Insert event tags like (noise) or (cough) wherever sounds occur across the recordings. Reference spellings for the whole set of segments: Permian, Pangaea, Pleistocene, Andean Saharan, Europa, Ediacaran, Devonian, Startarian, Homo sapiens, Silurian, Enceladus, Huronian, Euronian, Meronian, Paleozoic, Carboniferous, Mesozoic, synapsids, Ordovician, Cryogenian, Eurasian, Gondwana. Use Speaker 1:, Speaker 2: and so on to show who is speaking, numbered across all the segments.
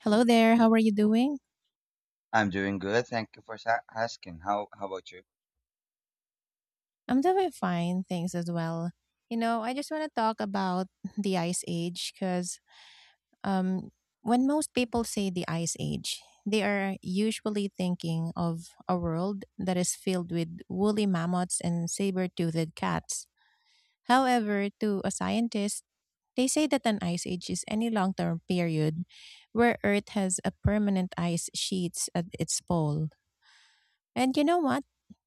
Speaker 1: Hello there. How are you doing?
Speaker 2: I'm doing good. Thank you for asking. How about you?
Speaker 1: I'm doing fine, thanks as well. You know, I just want to talk about (laughs) the ice age because um, when most people say the ice age, they are usually thinking of a world that is filled with woolly mammoths and saber toothed cats. However, to a scientist, they say that an ice age is any long term period where Earth has a permanent ice sheets at its pole. And you know what?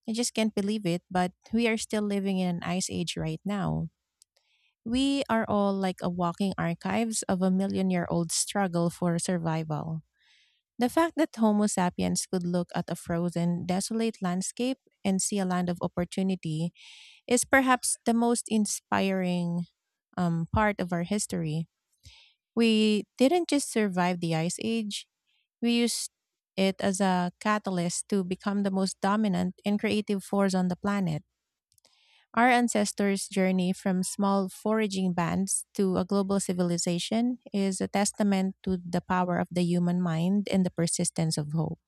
Speaker 1: I just can't believe it, but we are still living in an ice age right now. We are all like a walking archives of a million year old struggle for survival. The fact that Homo sapiens could look at a frozen, desolate landscape and see a land of opportunity is perhaps the most inspiring part of our history. We didn't just survive the Ice Age, we used it as a catalyst to become the most dominant and creative force on the planet. Our ancestors' journey from small foraging bands to a global civilization is a testament to the power of the human mind and the persistence of hope.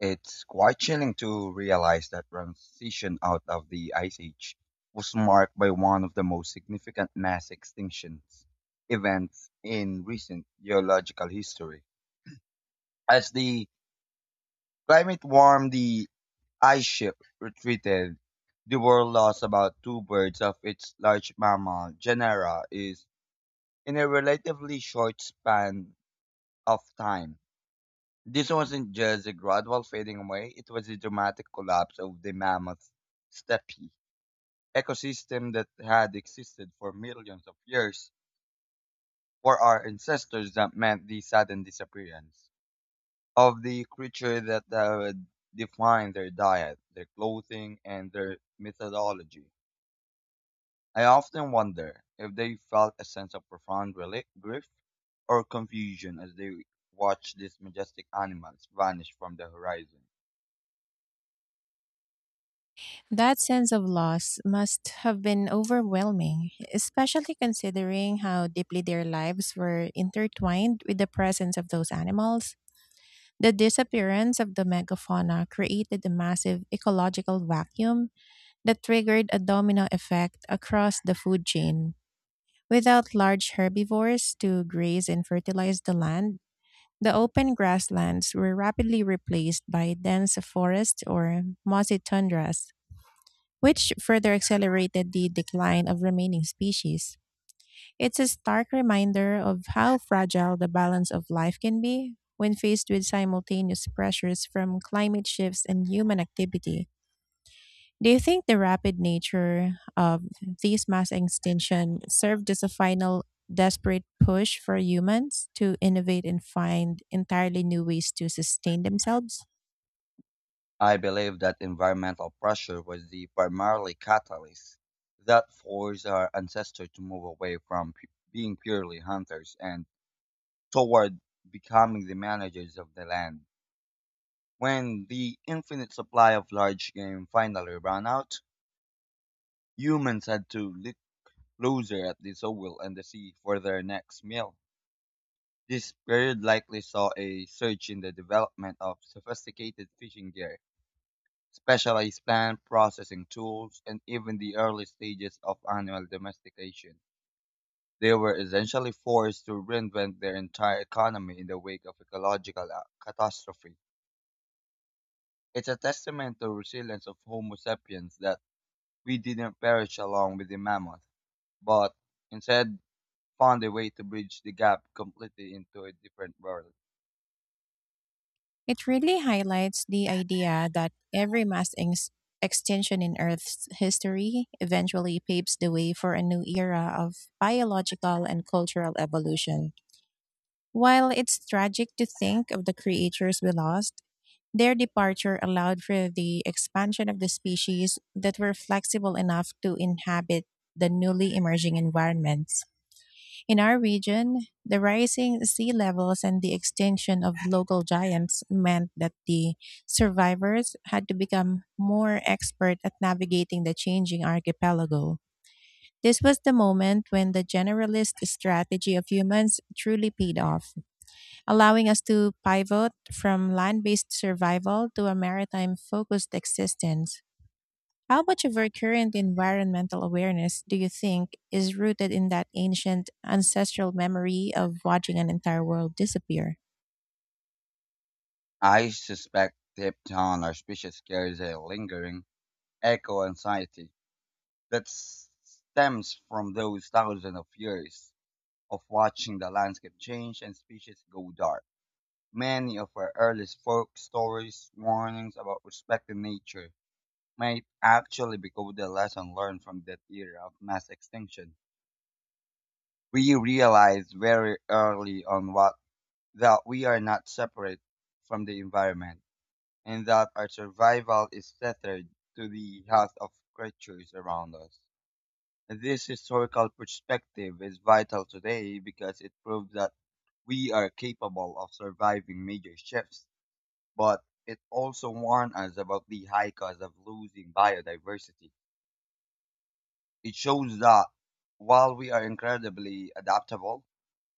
Speaker 2: It's quite chilling to realize that transition out of the Ice Age was marked by one of the most significant mass extinctions events in recent geological history. As the climate warmed, the ice ship retreated. The world lost about two birds of its large mammal genera is in a relatively short span of time. This wasn't just a gradual fading away, it was a dramatic collapse of the mammoth steppe ecosystem that had existed for millions of years for our ancestors that meant the sudden disappearance of the creature that had defined their diet, their clothing, and their methodology. I often wonder if they felt a sense of profound grief or confusion as they watched these majestic animals vanish from the horizon.
Speaker 1: That sense of loss must have been overwhelming, especially considering how deeply their lives were intertwined with the presence of those animals. The disappearance of the megafauna created a massive ecological vacuum that triggered a domino effect across the food chain. Without large herbivores to graze and fertilize the land, the open grasslands were rapidly replaced by dense forests or mossy tundras, which further accelerated the decline of remaining species. It's a stark reminder of how fragile the balance of life can be when faced with simultaneous pressures from climate shifts and human activity. Do you think the rapid nature of these mass extinction served as a final, desperate push for humans to innovate and find entirely new ways to sustain themselves?
Speaker 2: I believe that environmental pressure was the primary catalyst that forced our ancestors to move away from being purely hunters and toward becoming the managers of the land. When the infinite supply of large game finally ran out, humans had to look closer at the soil and the sea for their next meal. This period likely saw a surge in the development of sophisticated fishing gear, specialized plant processing tools, and even the early stages of animal domestication. They were essentially forced to reinvent their entire economy in the wake of ecological catastrophe. It's a testament to the resilience of Homo sapiens that we didn't perish along with the mammoth, but instead found a way to bridge the gap completely into a different world.
Speaker 1: It really highlights the idea that every mass extinction in Earth's history eventually paves the way for a new era of biological and cultural evolution. While it's tragic to think of the creatures we lost, their departure allowed for the expansion of the species that were flexible enough to inhabit the newly emerging environments. In our region, the rising sea levels and the extinction of local giants meant that the survivors had to become more expert at navigating the changing archipelago. This was the moment when the generalist strategy of humans truly paid off, allowing us to pivot from land based survival to a maritime focused existence. How much of our current environmental awareness do you think is rooted in that ancient ancestral memory of watching an entire world disappear?
Speaker 2: I suspect deep down our species carries a lingering eco anxiety that stems from those thousands of years of watching the landscape change and species go dark. Many of our earliest folk stories, warnings about respecting nature, might actually be the lesson learned from that era of mass extinction. We realize very early on what, that we are not separate from the environment and that our survival is tethered to the health of creatures around us. This historical perspective is vital today because it proves that we are capable of surviving major shifts, but it also warns us about the high cost of losing biodiversity. It shows that while we are incredibly adaptable,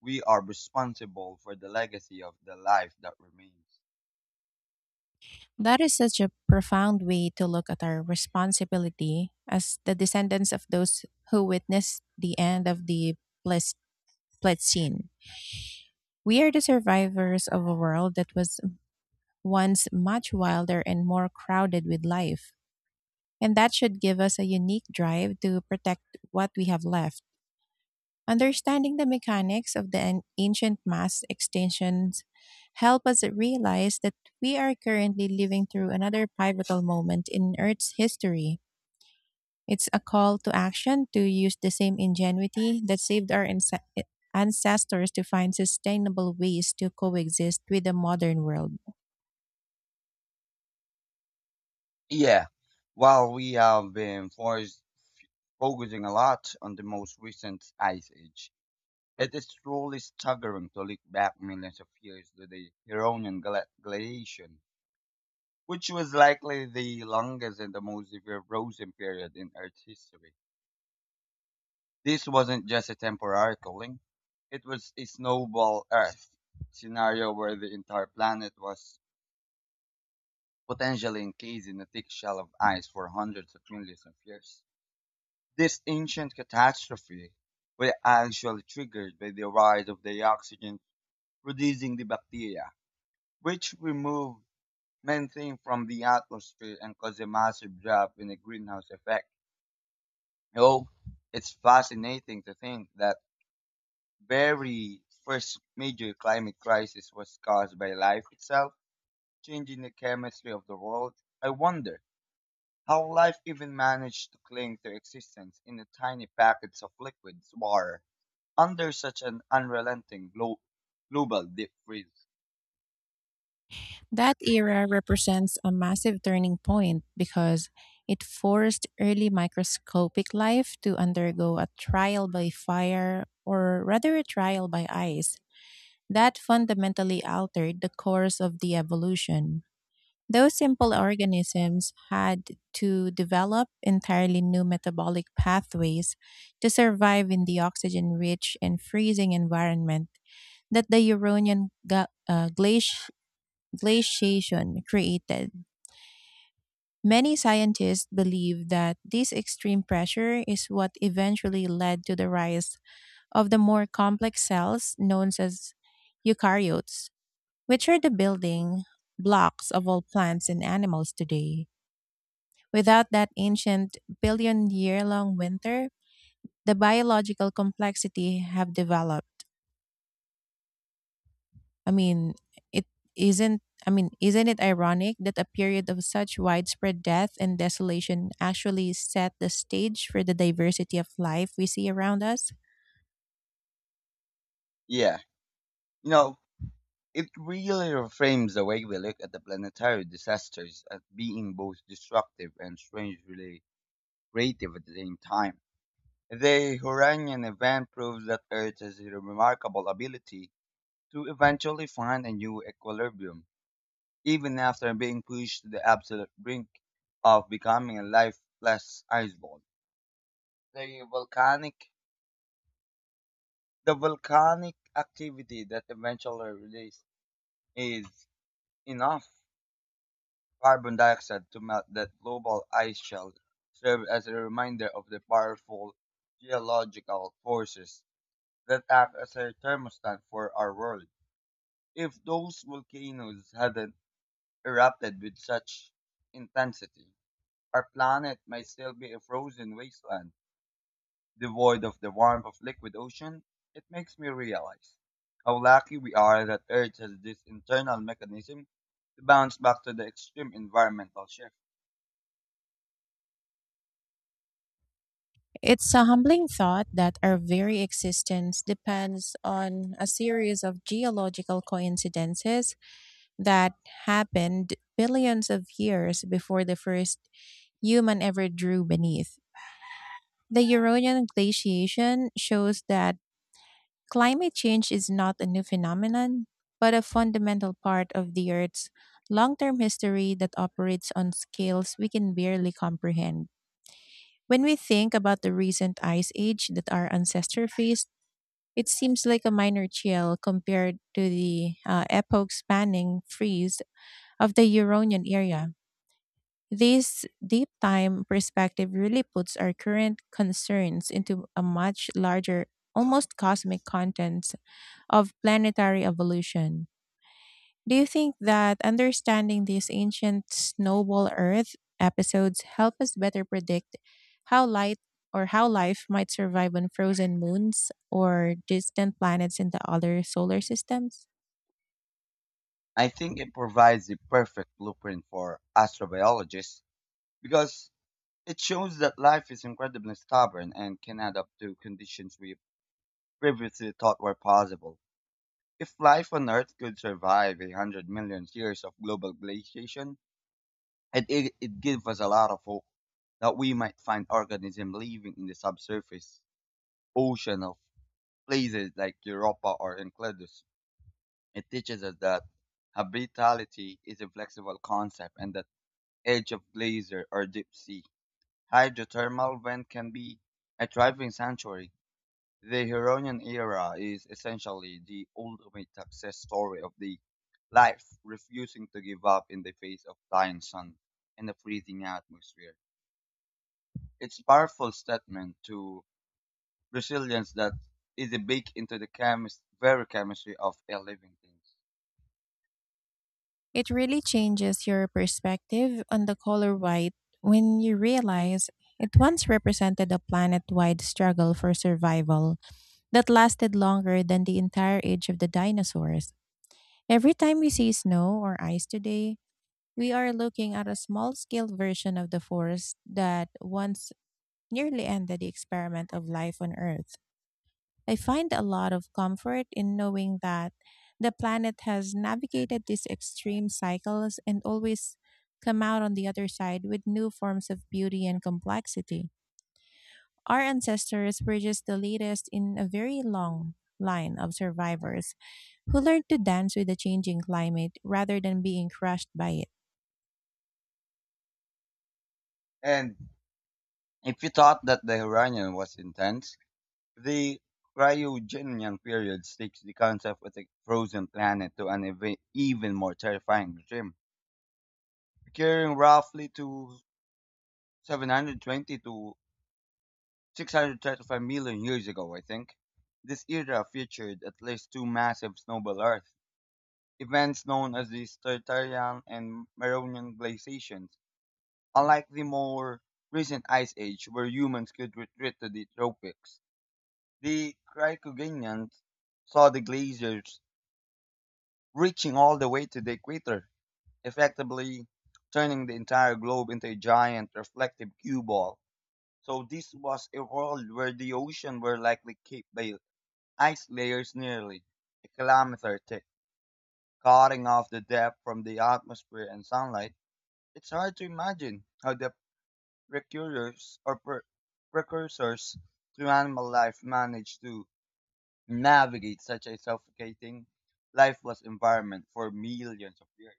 Speaker 2: we are responsible for the legacy of the life that remains.
Speaker 1: That is such a profound way to look at our responsibility as the descendants of those who witnessed the end of the Pleis- Pleistocene. We are the survivors of a world that was once much wilder and more crowded with life, and that should give us a unique drive to protect what we have left. Understanding the mechanics of the ancient mass extinctions help us realize that we are currently living through another pivotal moment in Earth's history. It's a call to action to use the same ingenuity that saved our ancestors to find sustainable ways to coexist with the modern world.
Speaker 2: Yeah, while we have been forced focusing a lot on the most recent ice age. It is truly staggering to look back millions of years to the Huronian glaciation, which was likely the longest and the most severe frozen period in Earth's history. This wasn't just a temporary cooling, it was a snowball Earth scenario where the entire planet was potentially encased in a thick shell of ice for hundreds of millions of years. This ancient catastrophe was actually triggered by the rise of the oxygen producing the bacteria, which remove methane from the atmosphere and cause a massive drop in the greenhouse effect. You, it's fascinating to think that very first major climate crisis was caused by life itself changing the chemistry of the world. I wonder how life even managed to cling to existence in the tiny packets of liquids water under such an unrelenting global deep freeze.
Speaker 1: That era represents a massive turning point because it forced early microscopic life to undergo a trial by fire, or rather, a trial by ice, that fundamentally altered the course of the evolution. Those simple organisms had to develop entirely new metabolic pathways to survive in the oxygen rich and freezing environment that the Euronian glaciation created. Many scientists believe that this extreme pressure is what eventually led to the rise of the more complex cells known as eukaryotes, which are the building blocks of all plants and animals today. Without that ancient billion year long winter, the biological complexity have developed. I mean, it isn't it ironic that a period of such widespread death and desolation actually set the stage for the diversity of life we see around us?
Speaker 2: Yeah, you know, it really reframes the way we look at the planetary disasters as being both destructive and strangely creative at the same time. The Huranian event proves that Earth has a remarkable ability to eventually find a new equilibrium, even after being pushed to the absolute brink of becoming a lifeless iceball. The volcanic the volcanic activity that eventually released is enough carbon dioxide to melt that global ice shell served as a reminder of the powerful geological forces that act as a thermostat for our world. If those volcanoes hadn't erupted with such intensity, our planet might still be a frozen wasteland, devoid of the warmth of liquid ocean. It makes me realize how lucky we are that Earth has this internal mechanism to bounce back to the extreme environmental shift.
Speaker 1: It's a humbling thought that our very existence depends on a series of geological coincidences that happened billions of years before the first human ever drew beneath. The Eurasian glaciation shows that climate change is not a new phenomenon, but a fundamental part of the Earth's long term history that operates on scales we can barely comprehend. When we think about the recent ice age that our ancestors faced, it seems like a minor chill compared to the epoch spanning freeze of the Euronian area. This deep time perspective really puts our current concerns into a much larger, almost cosmic content of planetary evolution. Do you think that understanding these ancient snowball Earth episodes help us better predict how light or how life might survive on frozen moons or distant planets in the other solar systems?
Speaker 2: I think it provides the perfect blueprint for astrobiologists because it shows that life is incredibly stubborn and can adapt to conditions we previously thought were possible. If life on Earth could survive a hundred million years of global glaciation, it gives us a lot of hope that we might find organisms living in the subsurface ocean of places like Europa or Enceladus. It teaches us that habitability is a flexible concept and that edge of glacier or deep sea. Hydrothermal vent can be a thriving sanctuary. The Huronian era is essentially the ultimate success story of the life refusing to give up in the face of dying sun and a freezing atmosphere. It's a powerful statement to resilience that is baked into the very chemistry of a living thing.
Speaker 1: It really changes your perspective on the color white when you realize it once represented a planet wide struggle for survival that lasted longer than the entire age of the dinosaurs. Every time we see snow or ice today, we are looking at a small scale version of the forest that once nearly ended the experiment of life on Earth. I find a lot of comfort in knowing that the planet has navigated these extreme cycles and always come out on the other side with new forms of beauty and complexity. Our ancestors were just the latest in a very long line of survivors who learned to dance with the changing climate rather than being crushed by it.
Speaker 2: And if you thought that the Huronian was intense, the cryogenian period takes the concept of a frozen planet to an even more terrifying regime, occurring roughly to 720 to 635 million years ago, I think. This era featured at least two massive snowball Earth events known as the Startarian and Meronian glaciations. Unlike the more recent Ice Age, where humans could retreat to the tropics, the Cryogenians saw the glaciers reaching all the way to the equator, effectively turning the entire globe into a giant reflective cue ball. So this was a world where the ocean were likely capped by ice layers nearly a kilometer thick, cutting off the depth from the atmosphere and sunlight. It's hard to imagine how the precursors or precursors to animal life managed to navigate such a suffocating lifeless environment for millions of years.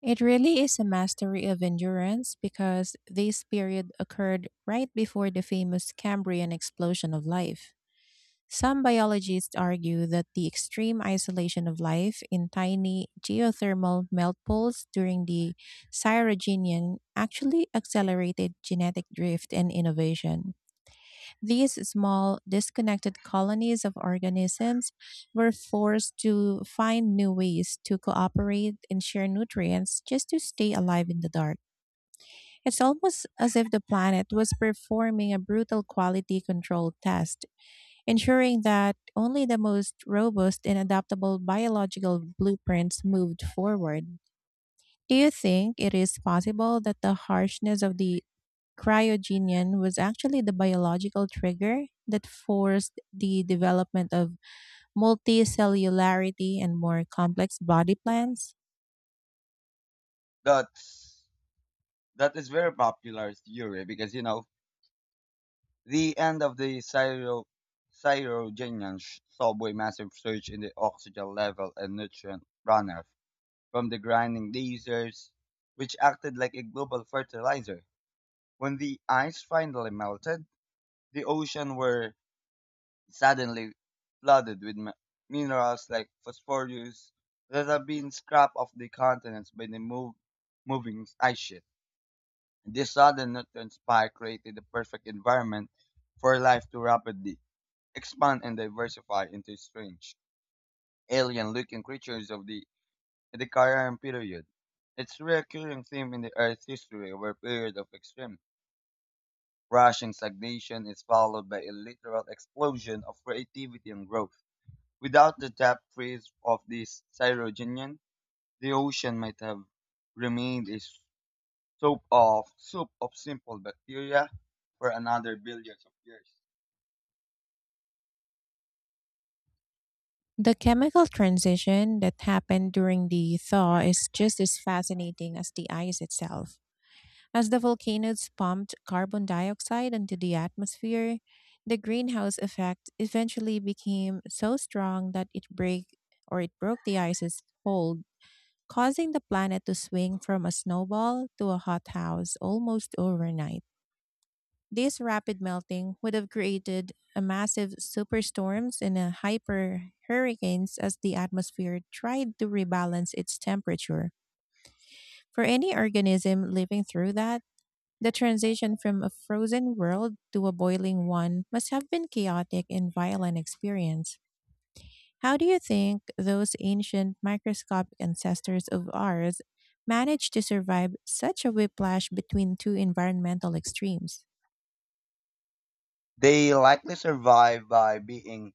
Speaker 1: It really is a mastery of endurance because this period occurred right before the famous Cambrian explosion of life. Some biologists argue that the extreme isolation of life in tiny geothermal melt pools during the Cyrogenian actually accelerated genetic drift and innovation. These small, disconnected colonies of organisms were forced to find new ways to cooperate and share nutrients just to stay alive in the dark. It's almost as if the planet was performing a brutal quality control test, ensuring that only the most robust and adaptable biological blueprints moved forward. Do you think it is possible that the harshness of the Cryogenian was actually the biological trigger that forced the development of multicellularity and more complex body plans?
Speaker 2: That's that is very popular theory because you know the end of the Syro Cyrogenian subway massive surge in the oxygen level and nutrient runoff from the grinding lasers, which acted like a global fertilizer. When the ice finally melted, the ocean were suddenly flooded with minerals like phosphorus that have been scrapped off the continents by the moving ice sheet. This sudden nutrient spike created the perfect environment for life to rapidly expand and diversify into strange, alien-looking creatures of the Ediacaran period. It's a recurring theme in the Earth's history, where a period of extreme rushing stagnation is followed by a literal explosion of creativity and growth. Without the depth freeze of this Cyrogenian, the ocean might have remained a Soap of soup of simple bacteria for another billions of years.
Speaker 1: The chemical transition that happened during the thaw is just as fascinating as the ice itself. As the volcanoes pumped carbon dioxide into the atmosphere, the greenhouse effect eventually became so strong that it break or it broke the ice's hold, causing the planet to swing from a snowball to a hothouse almost overnight. This rapid melting would have created a massive superstorms and a hyper hurricanes as the atmosphere tried to rebalance its temperature. For any organism living through that, the transition from a frozen world to a boiling one must have been chaotic and violent experience. How do you think those ancient microscopic ancestors of ours managed to survive such a whiplash between two environmental extremes?
Speaker 2: They likely survive by being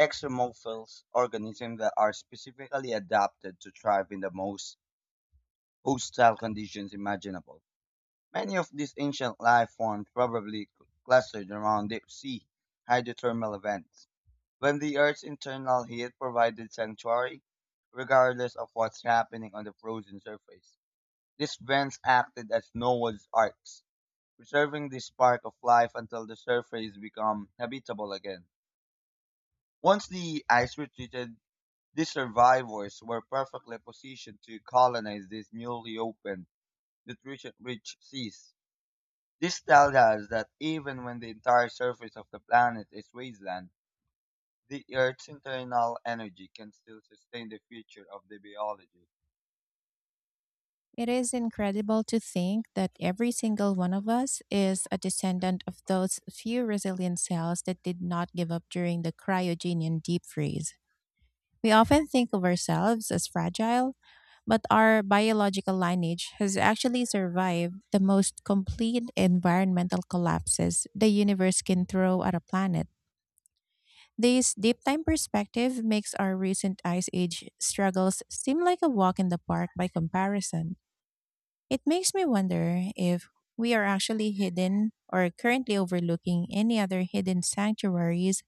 Speaker 2: exomophils, organisms that are specifically adapted to thrive in the most hostile conditions imaginable. Many of these ancient life forms probably clustered around deep sea hydrothermal vents. When the Earth's internal heat provided sanctuary, regardless of what's happening on the frozen surface, these vents acted as Noah's arks preserving this spark of life until the surface become habitable again. Once the ice retreated, these survivors were perfectly positioned to colonize these newly opened, nutrition-rich seas. This tells us that even when the entire surface of the planet is wasteland, the Earth's internal energy can still sustain the future of the biology.
Speaker 1: It is incredible to think that every single one of us is a descendant of those few resilient cells that did not give up during the cryogenian deep freeze. We often think of ourselves as fragile, but our biological lineage has actually survived the most complete environmental collapses the universe can throw at a planet. This deep time perspective makes our recent ice age struggles seem like a walk in the park by comparison. It makes me wonder if we are actually hidden or currently overlooking any other hidden sanctuaries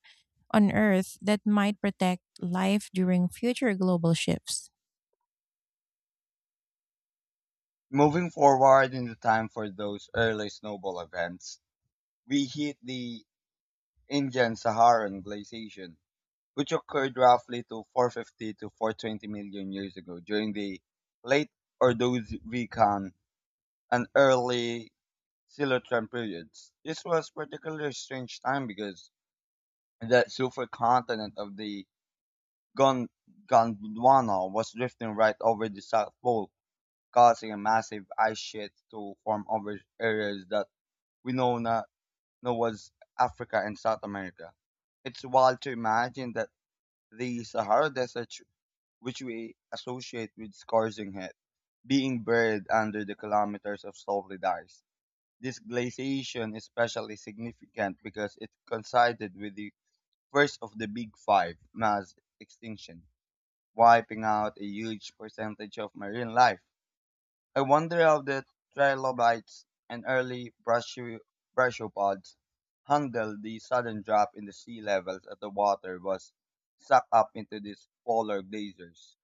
Speaker 1: on Earth that might protect life during future global shifts.
Speaker 2: Moving forward in the time for those early snowball events, we hit the Indian Saharan glaciation which occurred roughly to 450 to 420 million years ago during the late Ordovician and early Silurian periods. This was particularly strange time because the supercontinent of the Gon- Gondwana was drifting right over the South Pole, causing a massive ice sheet to form over areas that we know now know as Africa and South America. It's wild to imagine that the Sahara Desert, which we associate with scorching heat, being buried under the kilometers of solid ice. This glaciation is especially significant because it coincided with the first of the Big Five mass extinction, wiping out a huge percentage of marine life. I wonder how the trilobites and early brachiopods handled the sudden drop in the sea levels as the water was sucked up into these polar glaciers.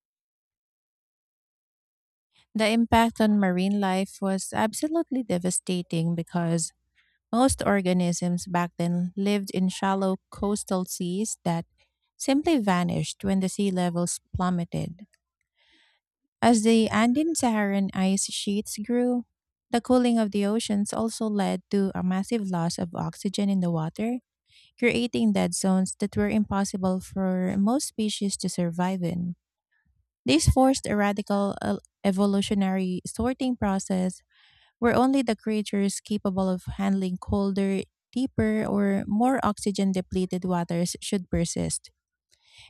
Speaker 1: The impact on marine life was absolutely devastating because most organisms back then lived in shallow coastal seas that simply vanished when the sea levels plummeted. As the Andean Saharan ice sheets grew, the cooling of the oceans also led to a massive loss of oxygen in the water, creating dead zones that were impossible for most species to survive in. This forced a radical, evolutionary sorting process where only the creatures capable of handling colder, deeper, or more oxygen depleted waters should persist.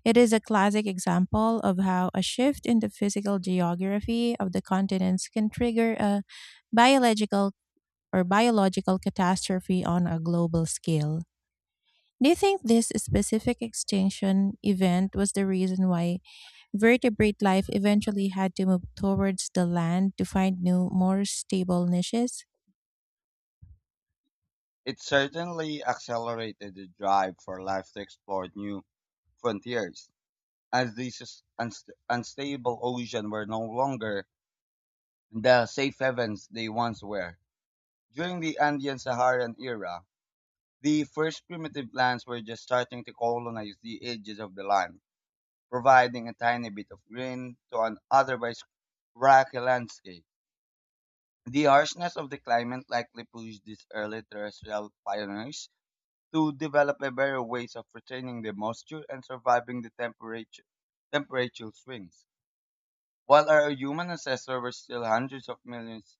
Speaker 1: It is a classic example of how a shift in the physical geography of the continents can trigger a biological biological catastrophe on a global scale. Do you think this specific extinction event was the reason why vertebrate life eventually had to move towards the land to find new, more stable niches?
Speaker 2: It certainly accelerated the drive for life to explore new frontiers, as these unstable oceans were no longer the safe havens they once were. During the Andean Saharan era, the first primitive plants were just starting to colonize the edges of the land, providing a tiny bit of green to an otherwise rocky landscape. The harshness of the climate likely pushed these early terrestrial pioneers to develop a better ways of retaining the moisture and surviving the temperature swings. While our human ancestors were still hundreds of millions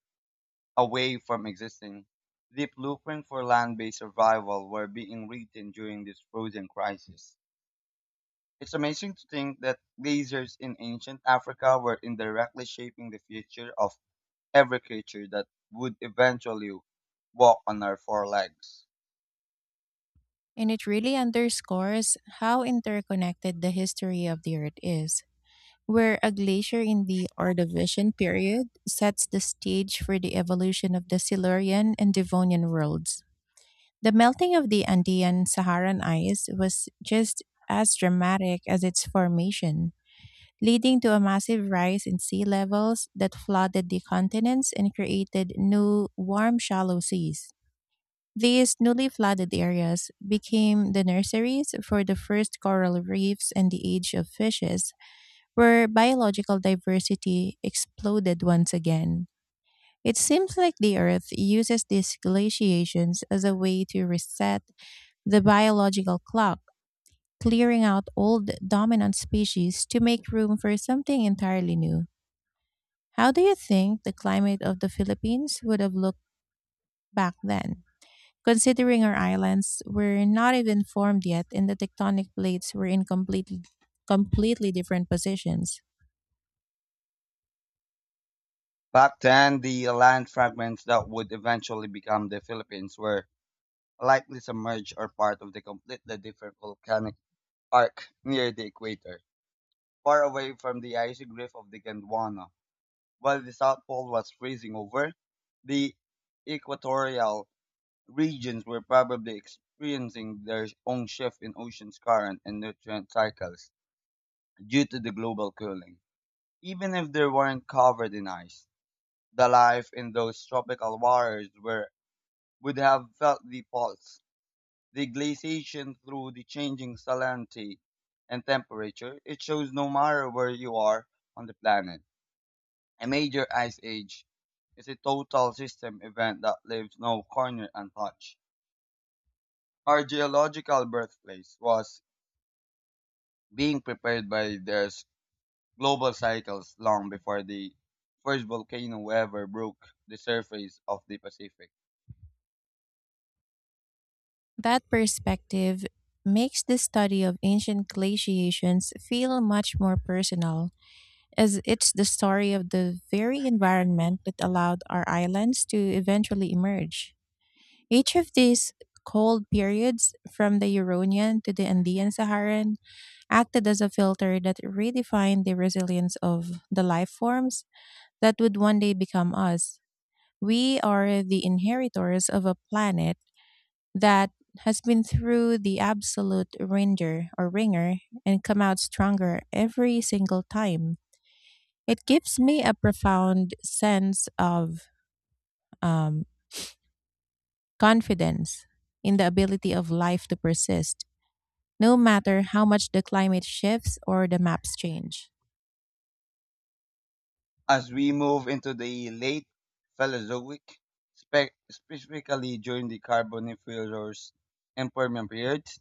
Speaker 2: away from existing, deep blueprint for land-based survival were being written during this frozen crisis. It's amazing to think that glaciers in ancient Africa were indirectly shaping the future of every creature that would eventually walk on our four legs.
Speaker 1: And it really underscores how interconnected the history of the Earth is, where a glacier in the Ordovician period sets the stage for the evolution of the Silurian and Devonian worlds. The melting of the Andean Saharan ice was just as dramatic as its formation, leading to a massive rise in sea levels that flooded the continents and created new, warm, shallow seas. These newly flooded areas became the nurseries for the first coral reefs and the age of fishes, where biological diversity exploded once again. It seems like the Earth uses these glaciations as a way to reset the biological clock, clearing out old dominant species to make room for something entirely new. How do you think the climate of the Philippines would have looked back then, considering our islands were not even formed yet and the tectonic plates were in completely different positions?
Speaker 2: Back then, the land fragments that would eventually become the Philippines were likely submerged or part of the completely different volcanic arc near the equator, far away from the icy grip of the Gondwana. While the South Pole was freezing over, the equatorial regions were probably experiencing their own shift in ocean's current and nutrient cycles due to the global cooling. Even if they weren't covered in ice, the life in those tropical waters were would have felt the pulse, the glaciation through the changing salinity and temperature. It shows no matter where you are on the planet. A major ice age is a total system event that leaves no corner untouched. Our geological birthplace was being prepared by global cycles long before the first volcano ever broke the surface of the Pacific.
Speaker 1: That perspective makes the study of ancient glaciations feel much more personal, as it's the story of the very environment that allowed our islands to eventually emerge. Each of these cold periods, from the Euronian to the Andean Saharan, acted as a filter that redefined the resilience of the life forms that would one day become us. We are the inheritors of a planet that has been through the absolute ringer or ringer and come out stronger every single time. It gives me a profound sense of um, confidence in the ability of life to persist, no matter how much the climate shifts or the maps change.
Speaker 2: As we move into the late Paleozoic, specifically during the Carboniferous and Permian periods,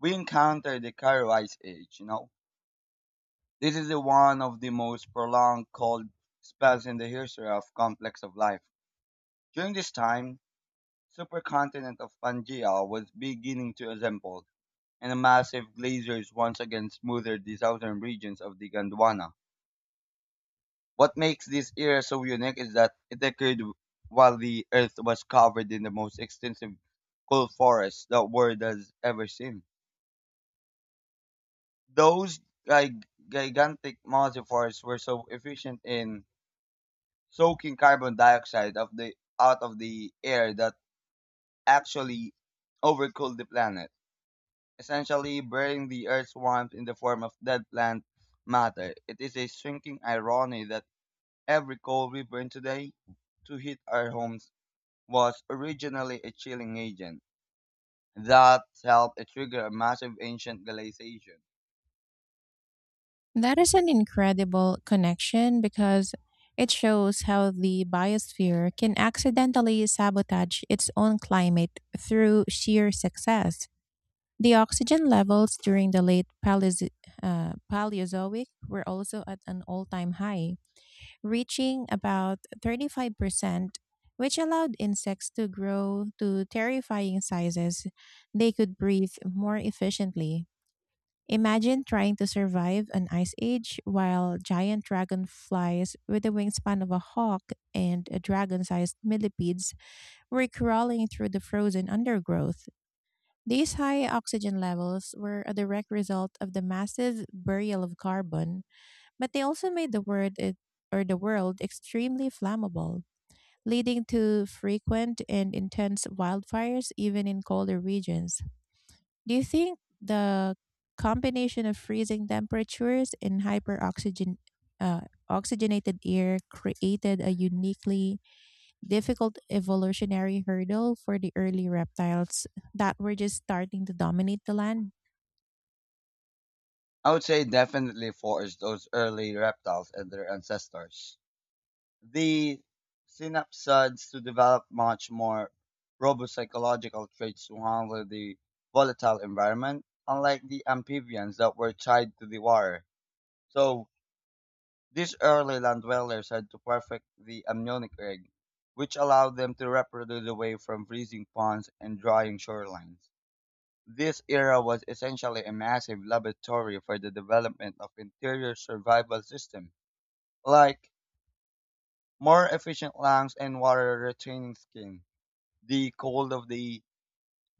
Speaker 2: we encounter the Cairo Ice Age. This is the one of the most prolonged cold spells in the history of complex of life. During this time, supercontinent of Pangaea was beginning to assemble, and massive glaciers once again smoothed the southern regions of the Gondwana. What makes this era so unique is that it occurred while the earth was covered in the most extensive coal forest the world has ever seen. Those gigantic massive forests were so efficient in soaking carbon dioxide of the out of the air that actually overcooled the planet, essentially burying the earth's warmth in the form of dead plant matter. It is a shrinking irony that every coal we burn today to heat our homes was originally a chilling agent that helped trigger a massive ancient glaciation.
Speaker 1: That is an incredible connection because it shows how the biosphere can accidentally sabotage its own climate through sheer success. The oxygen levels during the late Paleozoic were also at an all time high, reaching about 35%, which allowed insects to grow to terrifying sizes. They could breathe more efficiently. Imagine trying to survive an ice age while giant dragonflies with the wingspan of a hawk and a dragon sized millipedes were crawling through the frozen undergrowth. These high oxygen levels were a direct result of the massive burial of carbon, but they also made the world extremely flammable, leading to frequent and intense wildfires even in colder regions. Do you think the combination of freezing temperatures and hyperoxygen uh, oxygenated air created a uniquely difficult evolutionary hurdle for the early reptiles that were just starting to dominate the land?
Speaker 2: I would say definitely forced those early reptiles and their ancestors. The synapsids to develop much more robust psychological traits to handle the volatile environment, unlike the amphibians that were tied to the water. So These early land dwellers had to perfect the amniotic egg, which allowed them to reproduce away from freezing ponds and drying shorelines. This era was essentially a massive laboratory for the development of interior survival systems, like more efficient lungs and water retaining skin. The cold of the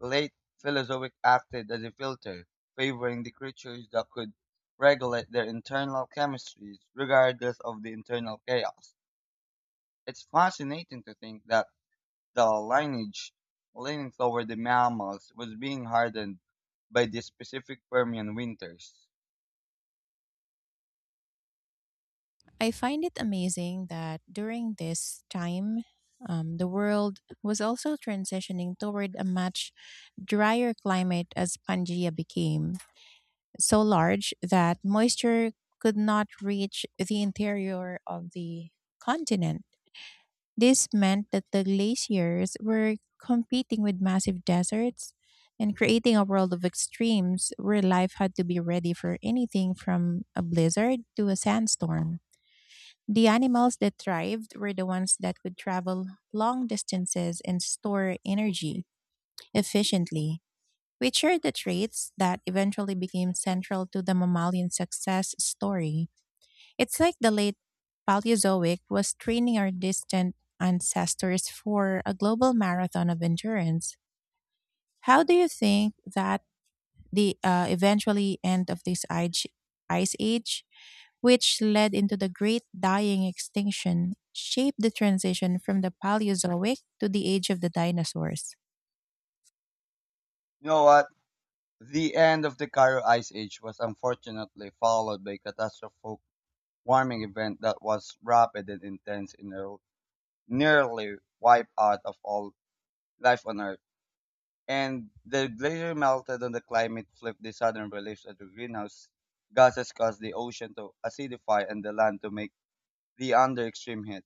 Speaker 2: late Paleozoic acted as a filter, favoring the creatures that could regulate their internal chemistries regardless of the internal chaos. It's fascinating to think that the lineage leaning toward the mammals was being hardened by the specific Permian winters.
Speaker 1: I find it amazing that during this time, the world was also transitioning toward a much drier climate as Pangaea became so large that moisture could not reach the interior of the continent. This meant that the glaciers were competing with massive deserts and creating a world of extremes where life had to be ready for anything from a blizzard to a sandstorm. The animals that thrived were the ones that could travel long distances and store energy efficiently, which are the traits that eventually became central to the mammalian success story. It's like the late Paleozoic was training our distant ancestors for a global marathon of endurance. How do you think that the eventually end of ice age which led into the Great Dying Extinction, shaped the transition from the Paleozoic to the Age of the Dinosaurs?
Speaker 2: You know what? The end of the Cairo Ice Age was unfortunately followed by a catastrophic warming event that was rapid and intense and nearly wiped out of all life on Earth. And the glacier melted and the climate flipped the southern reliefs of the greenhouse gases caused the ocean to acidify and the land to make the under extreme heat.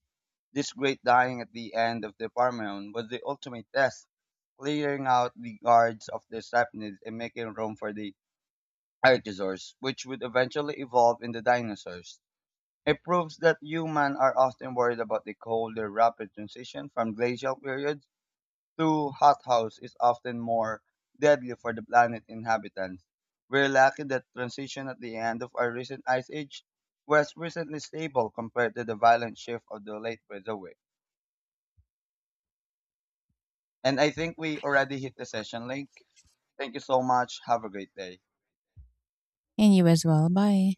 Speaker 2: This great dying at the end of the Parmenon was the ultimate test, clearing out the guards of the Sapnids and making room for the archosaurs, which would eventually evolve into dinosaurs. It proves that humans are often worried about the colder, rapid transition from glacial periods. True hothouse is often more deadly for the planet inhabitants. We're lucky that transition at the end of our recent ice age was recently stable compared to the violent shift of the late Mesozoic. And I think we already hit the session link. Thank you so much. Have a great day.
Speaker 1: And you as well. Bye.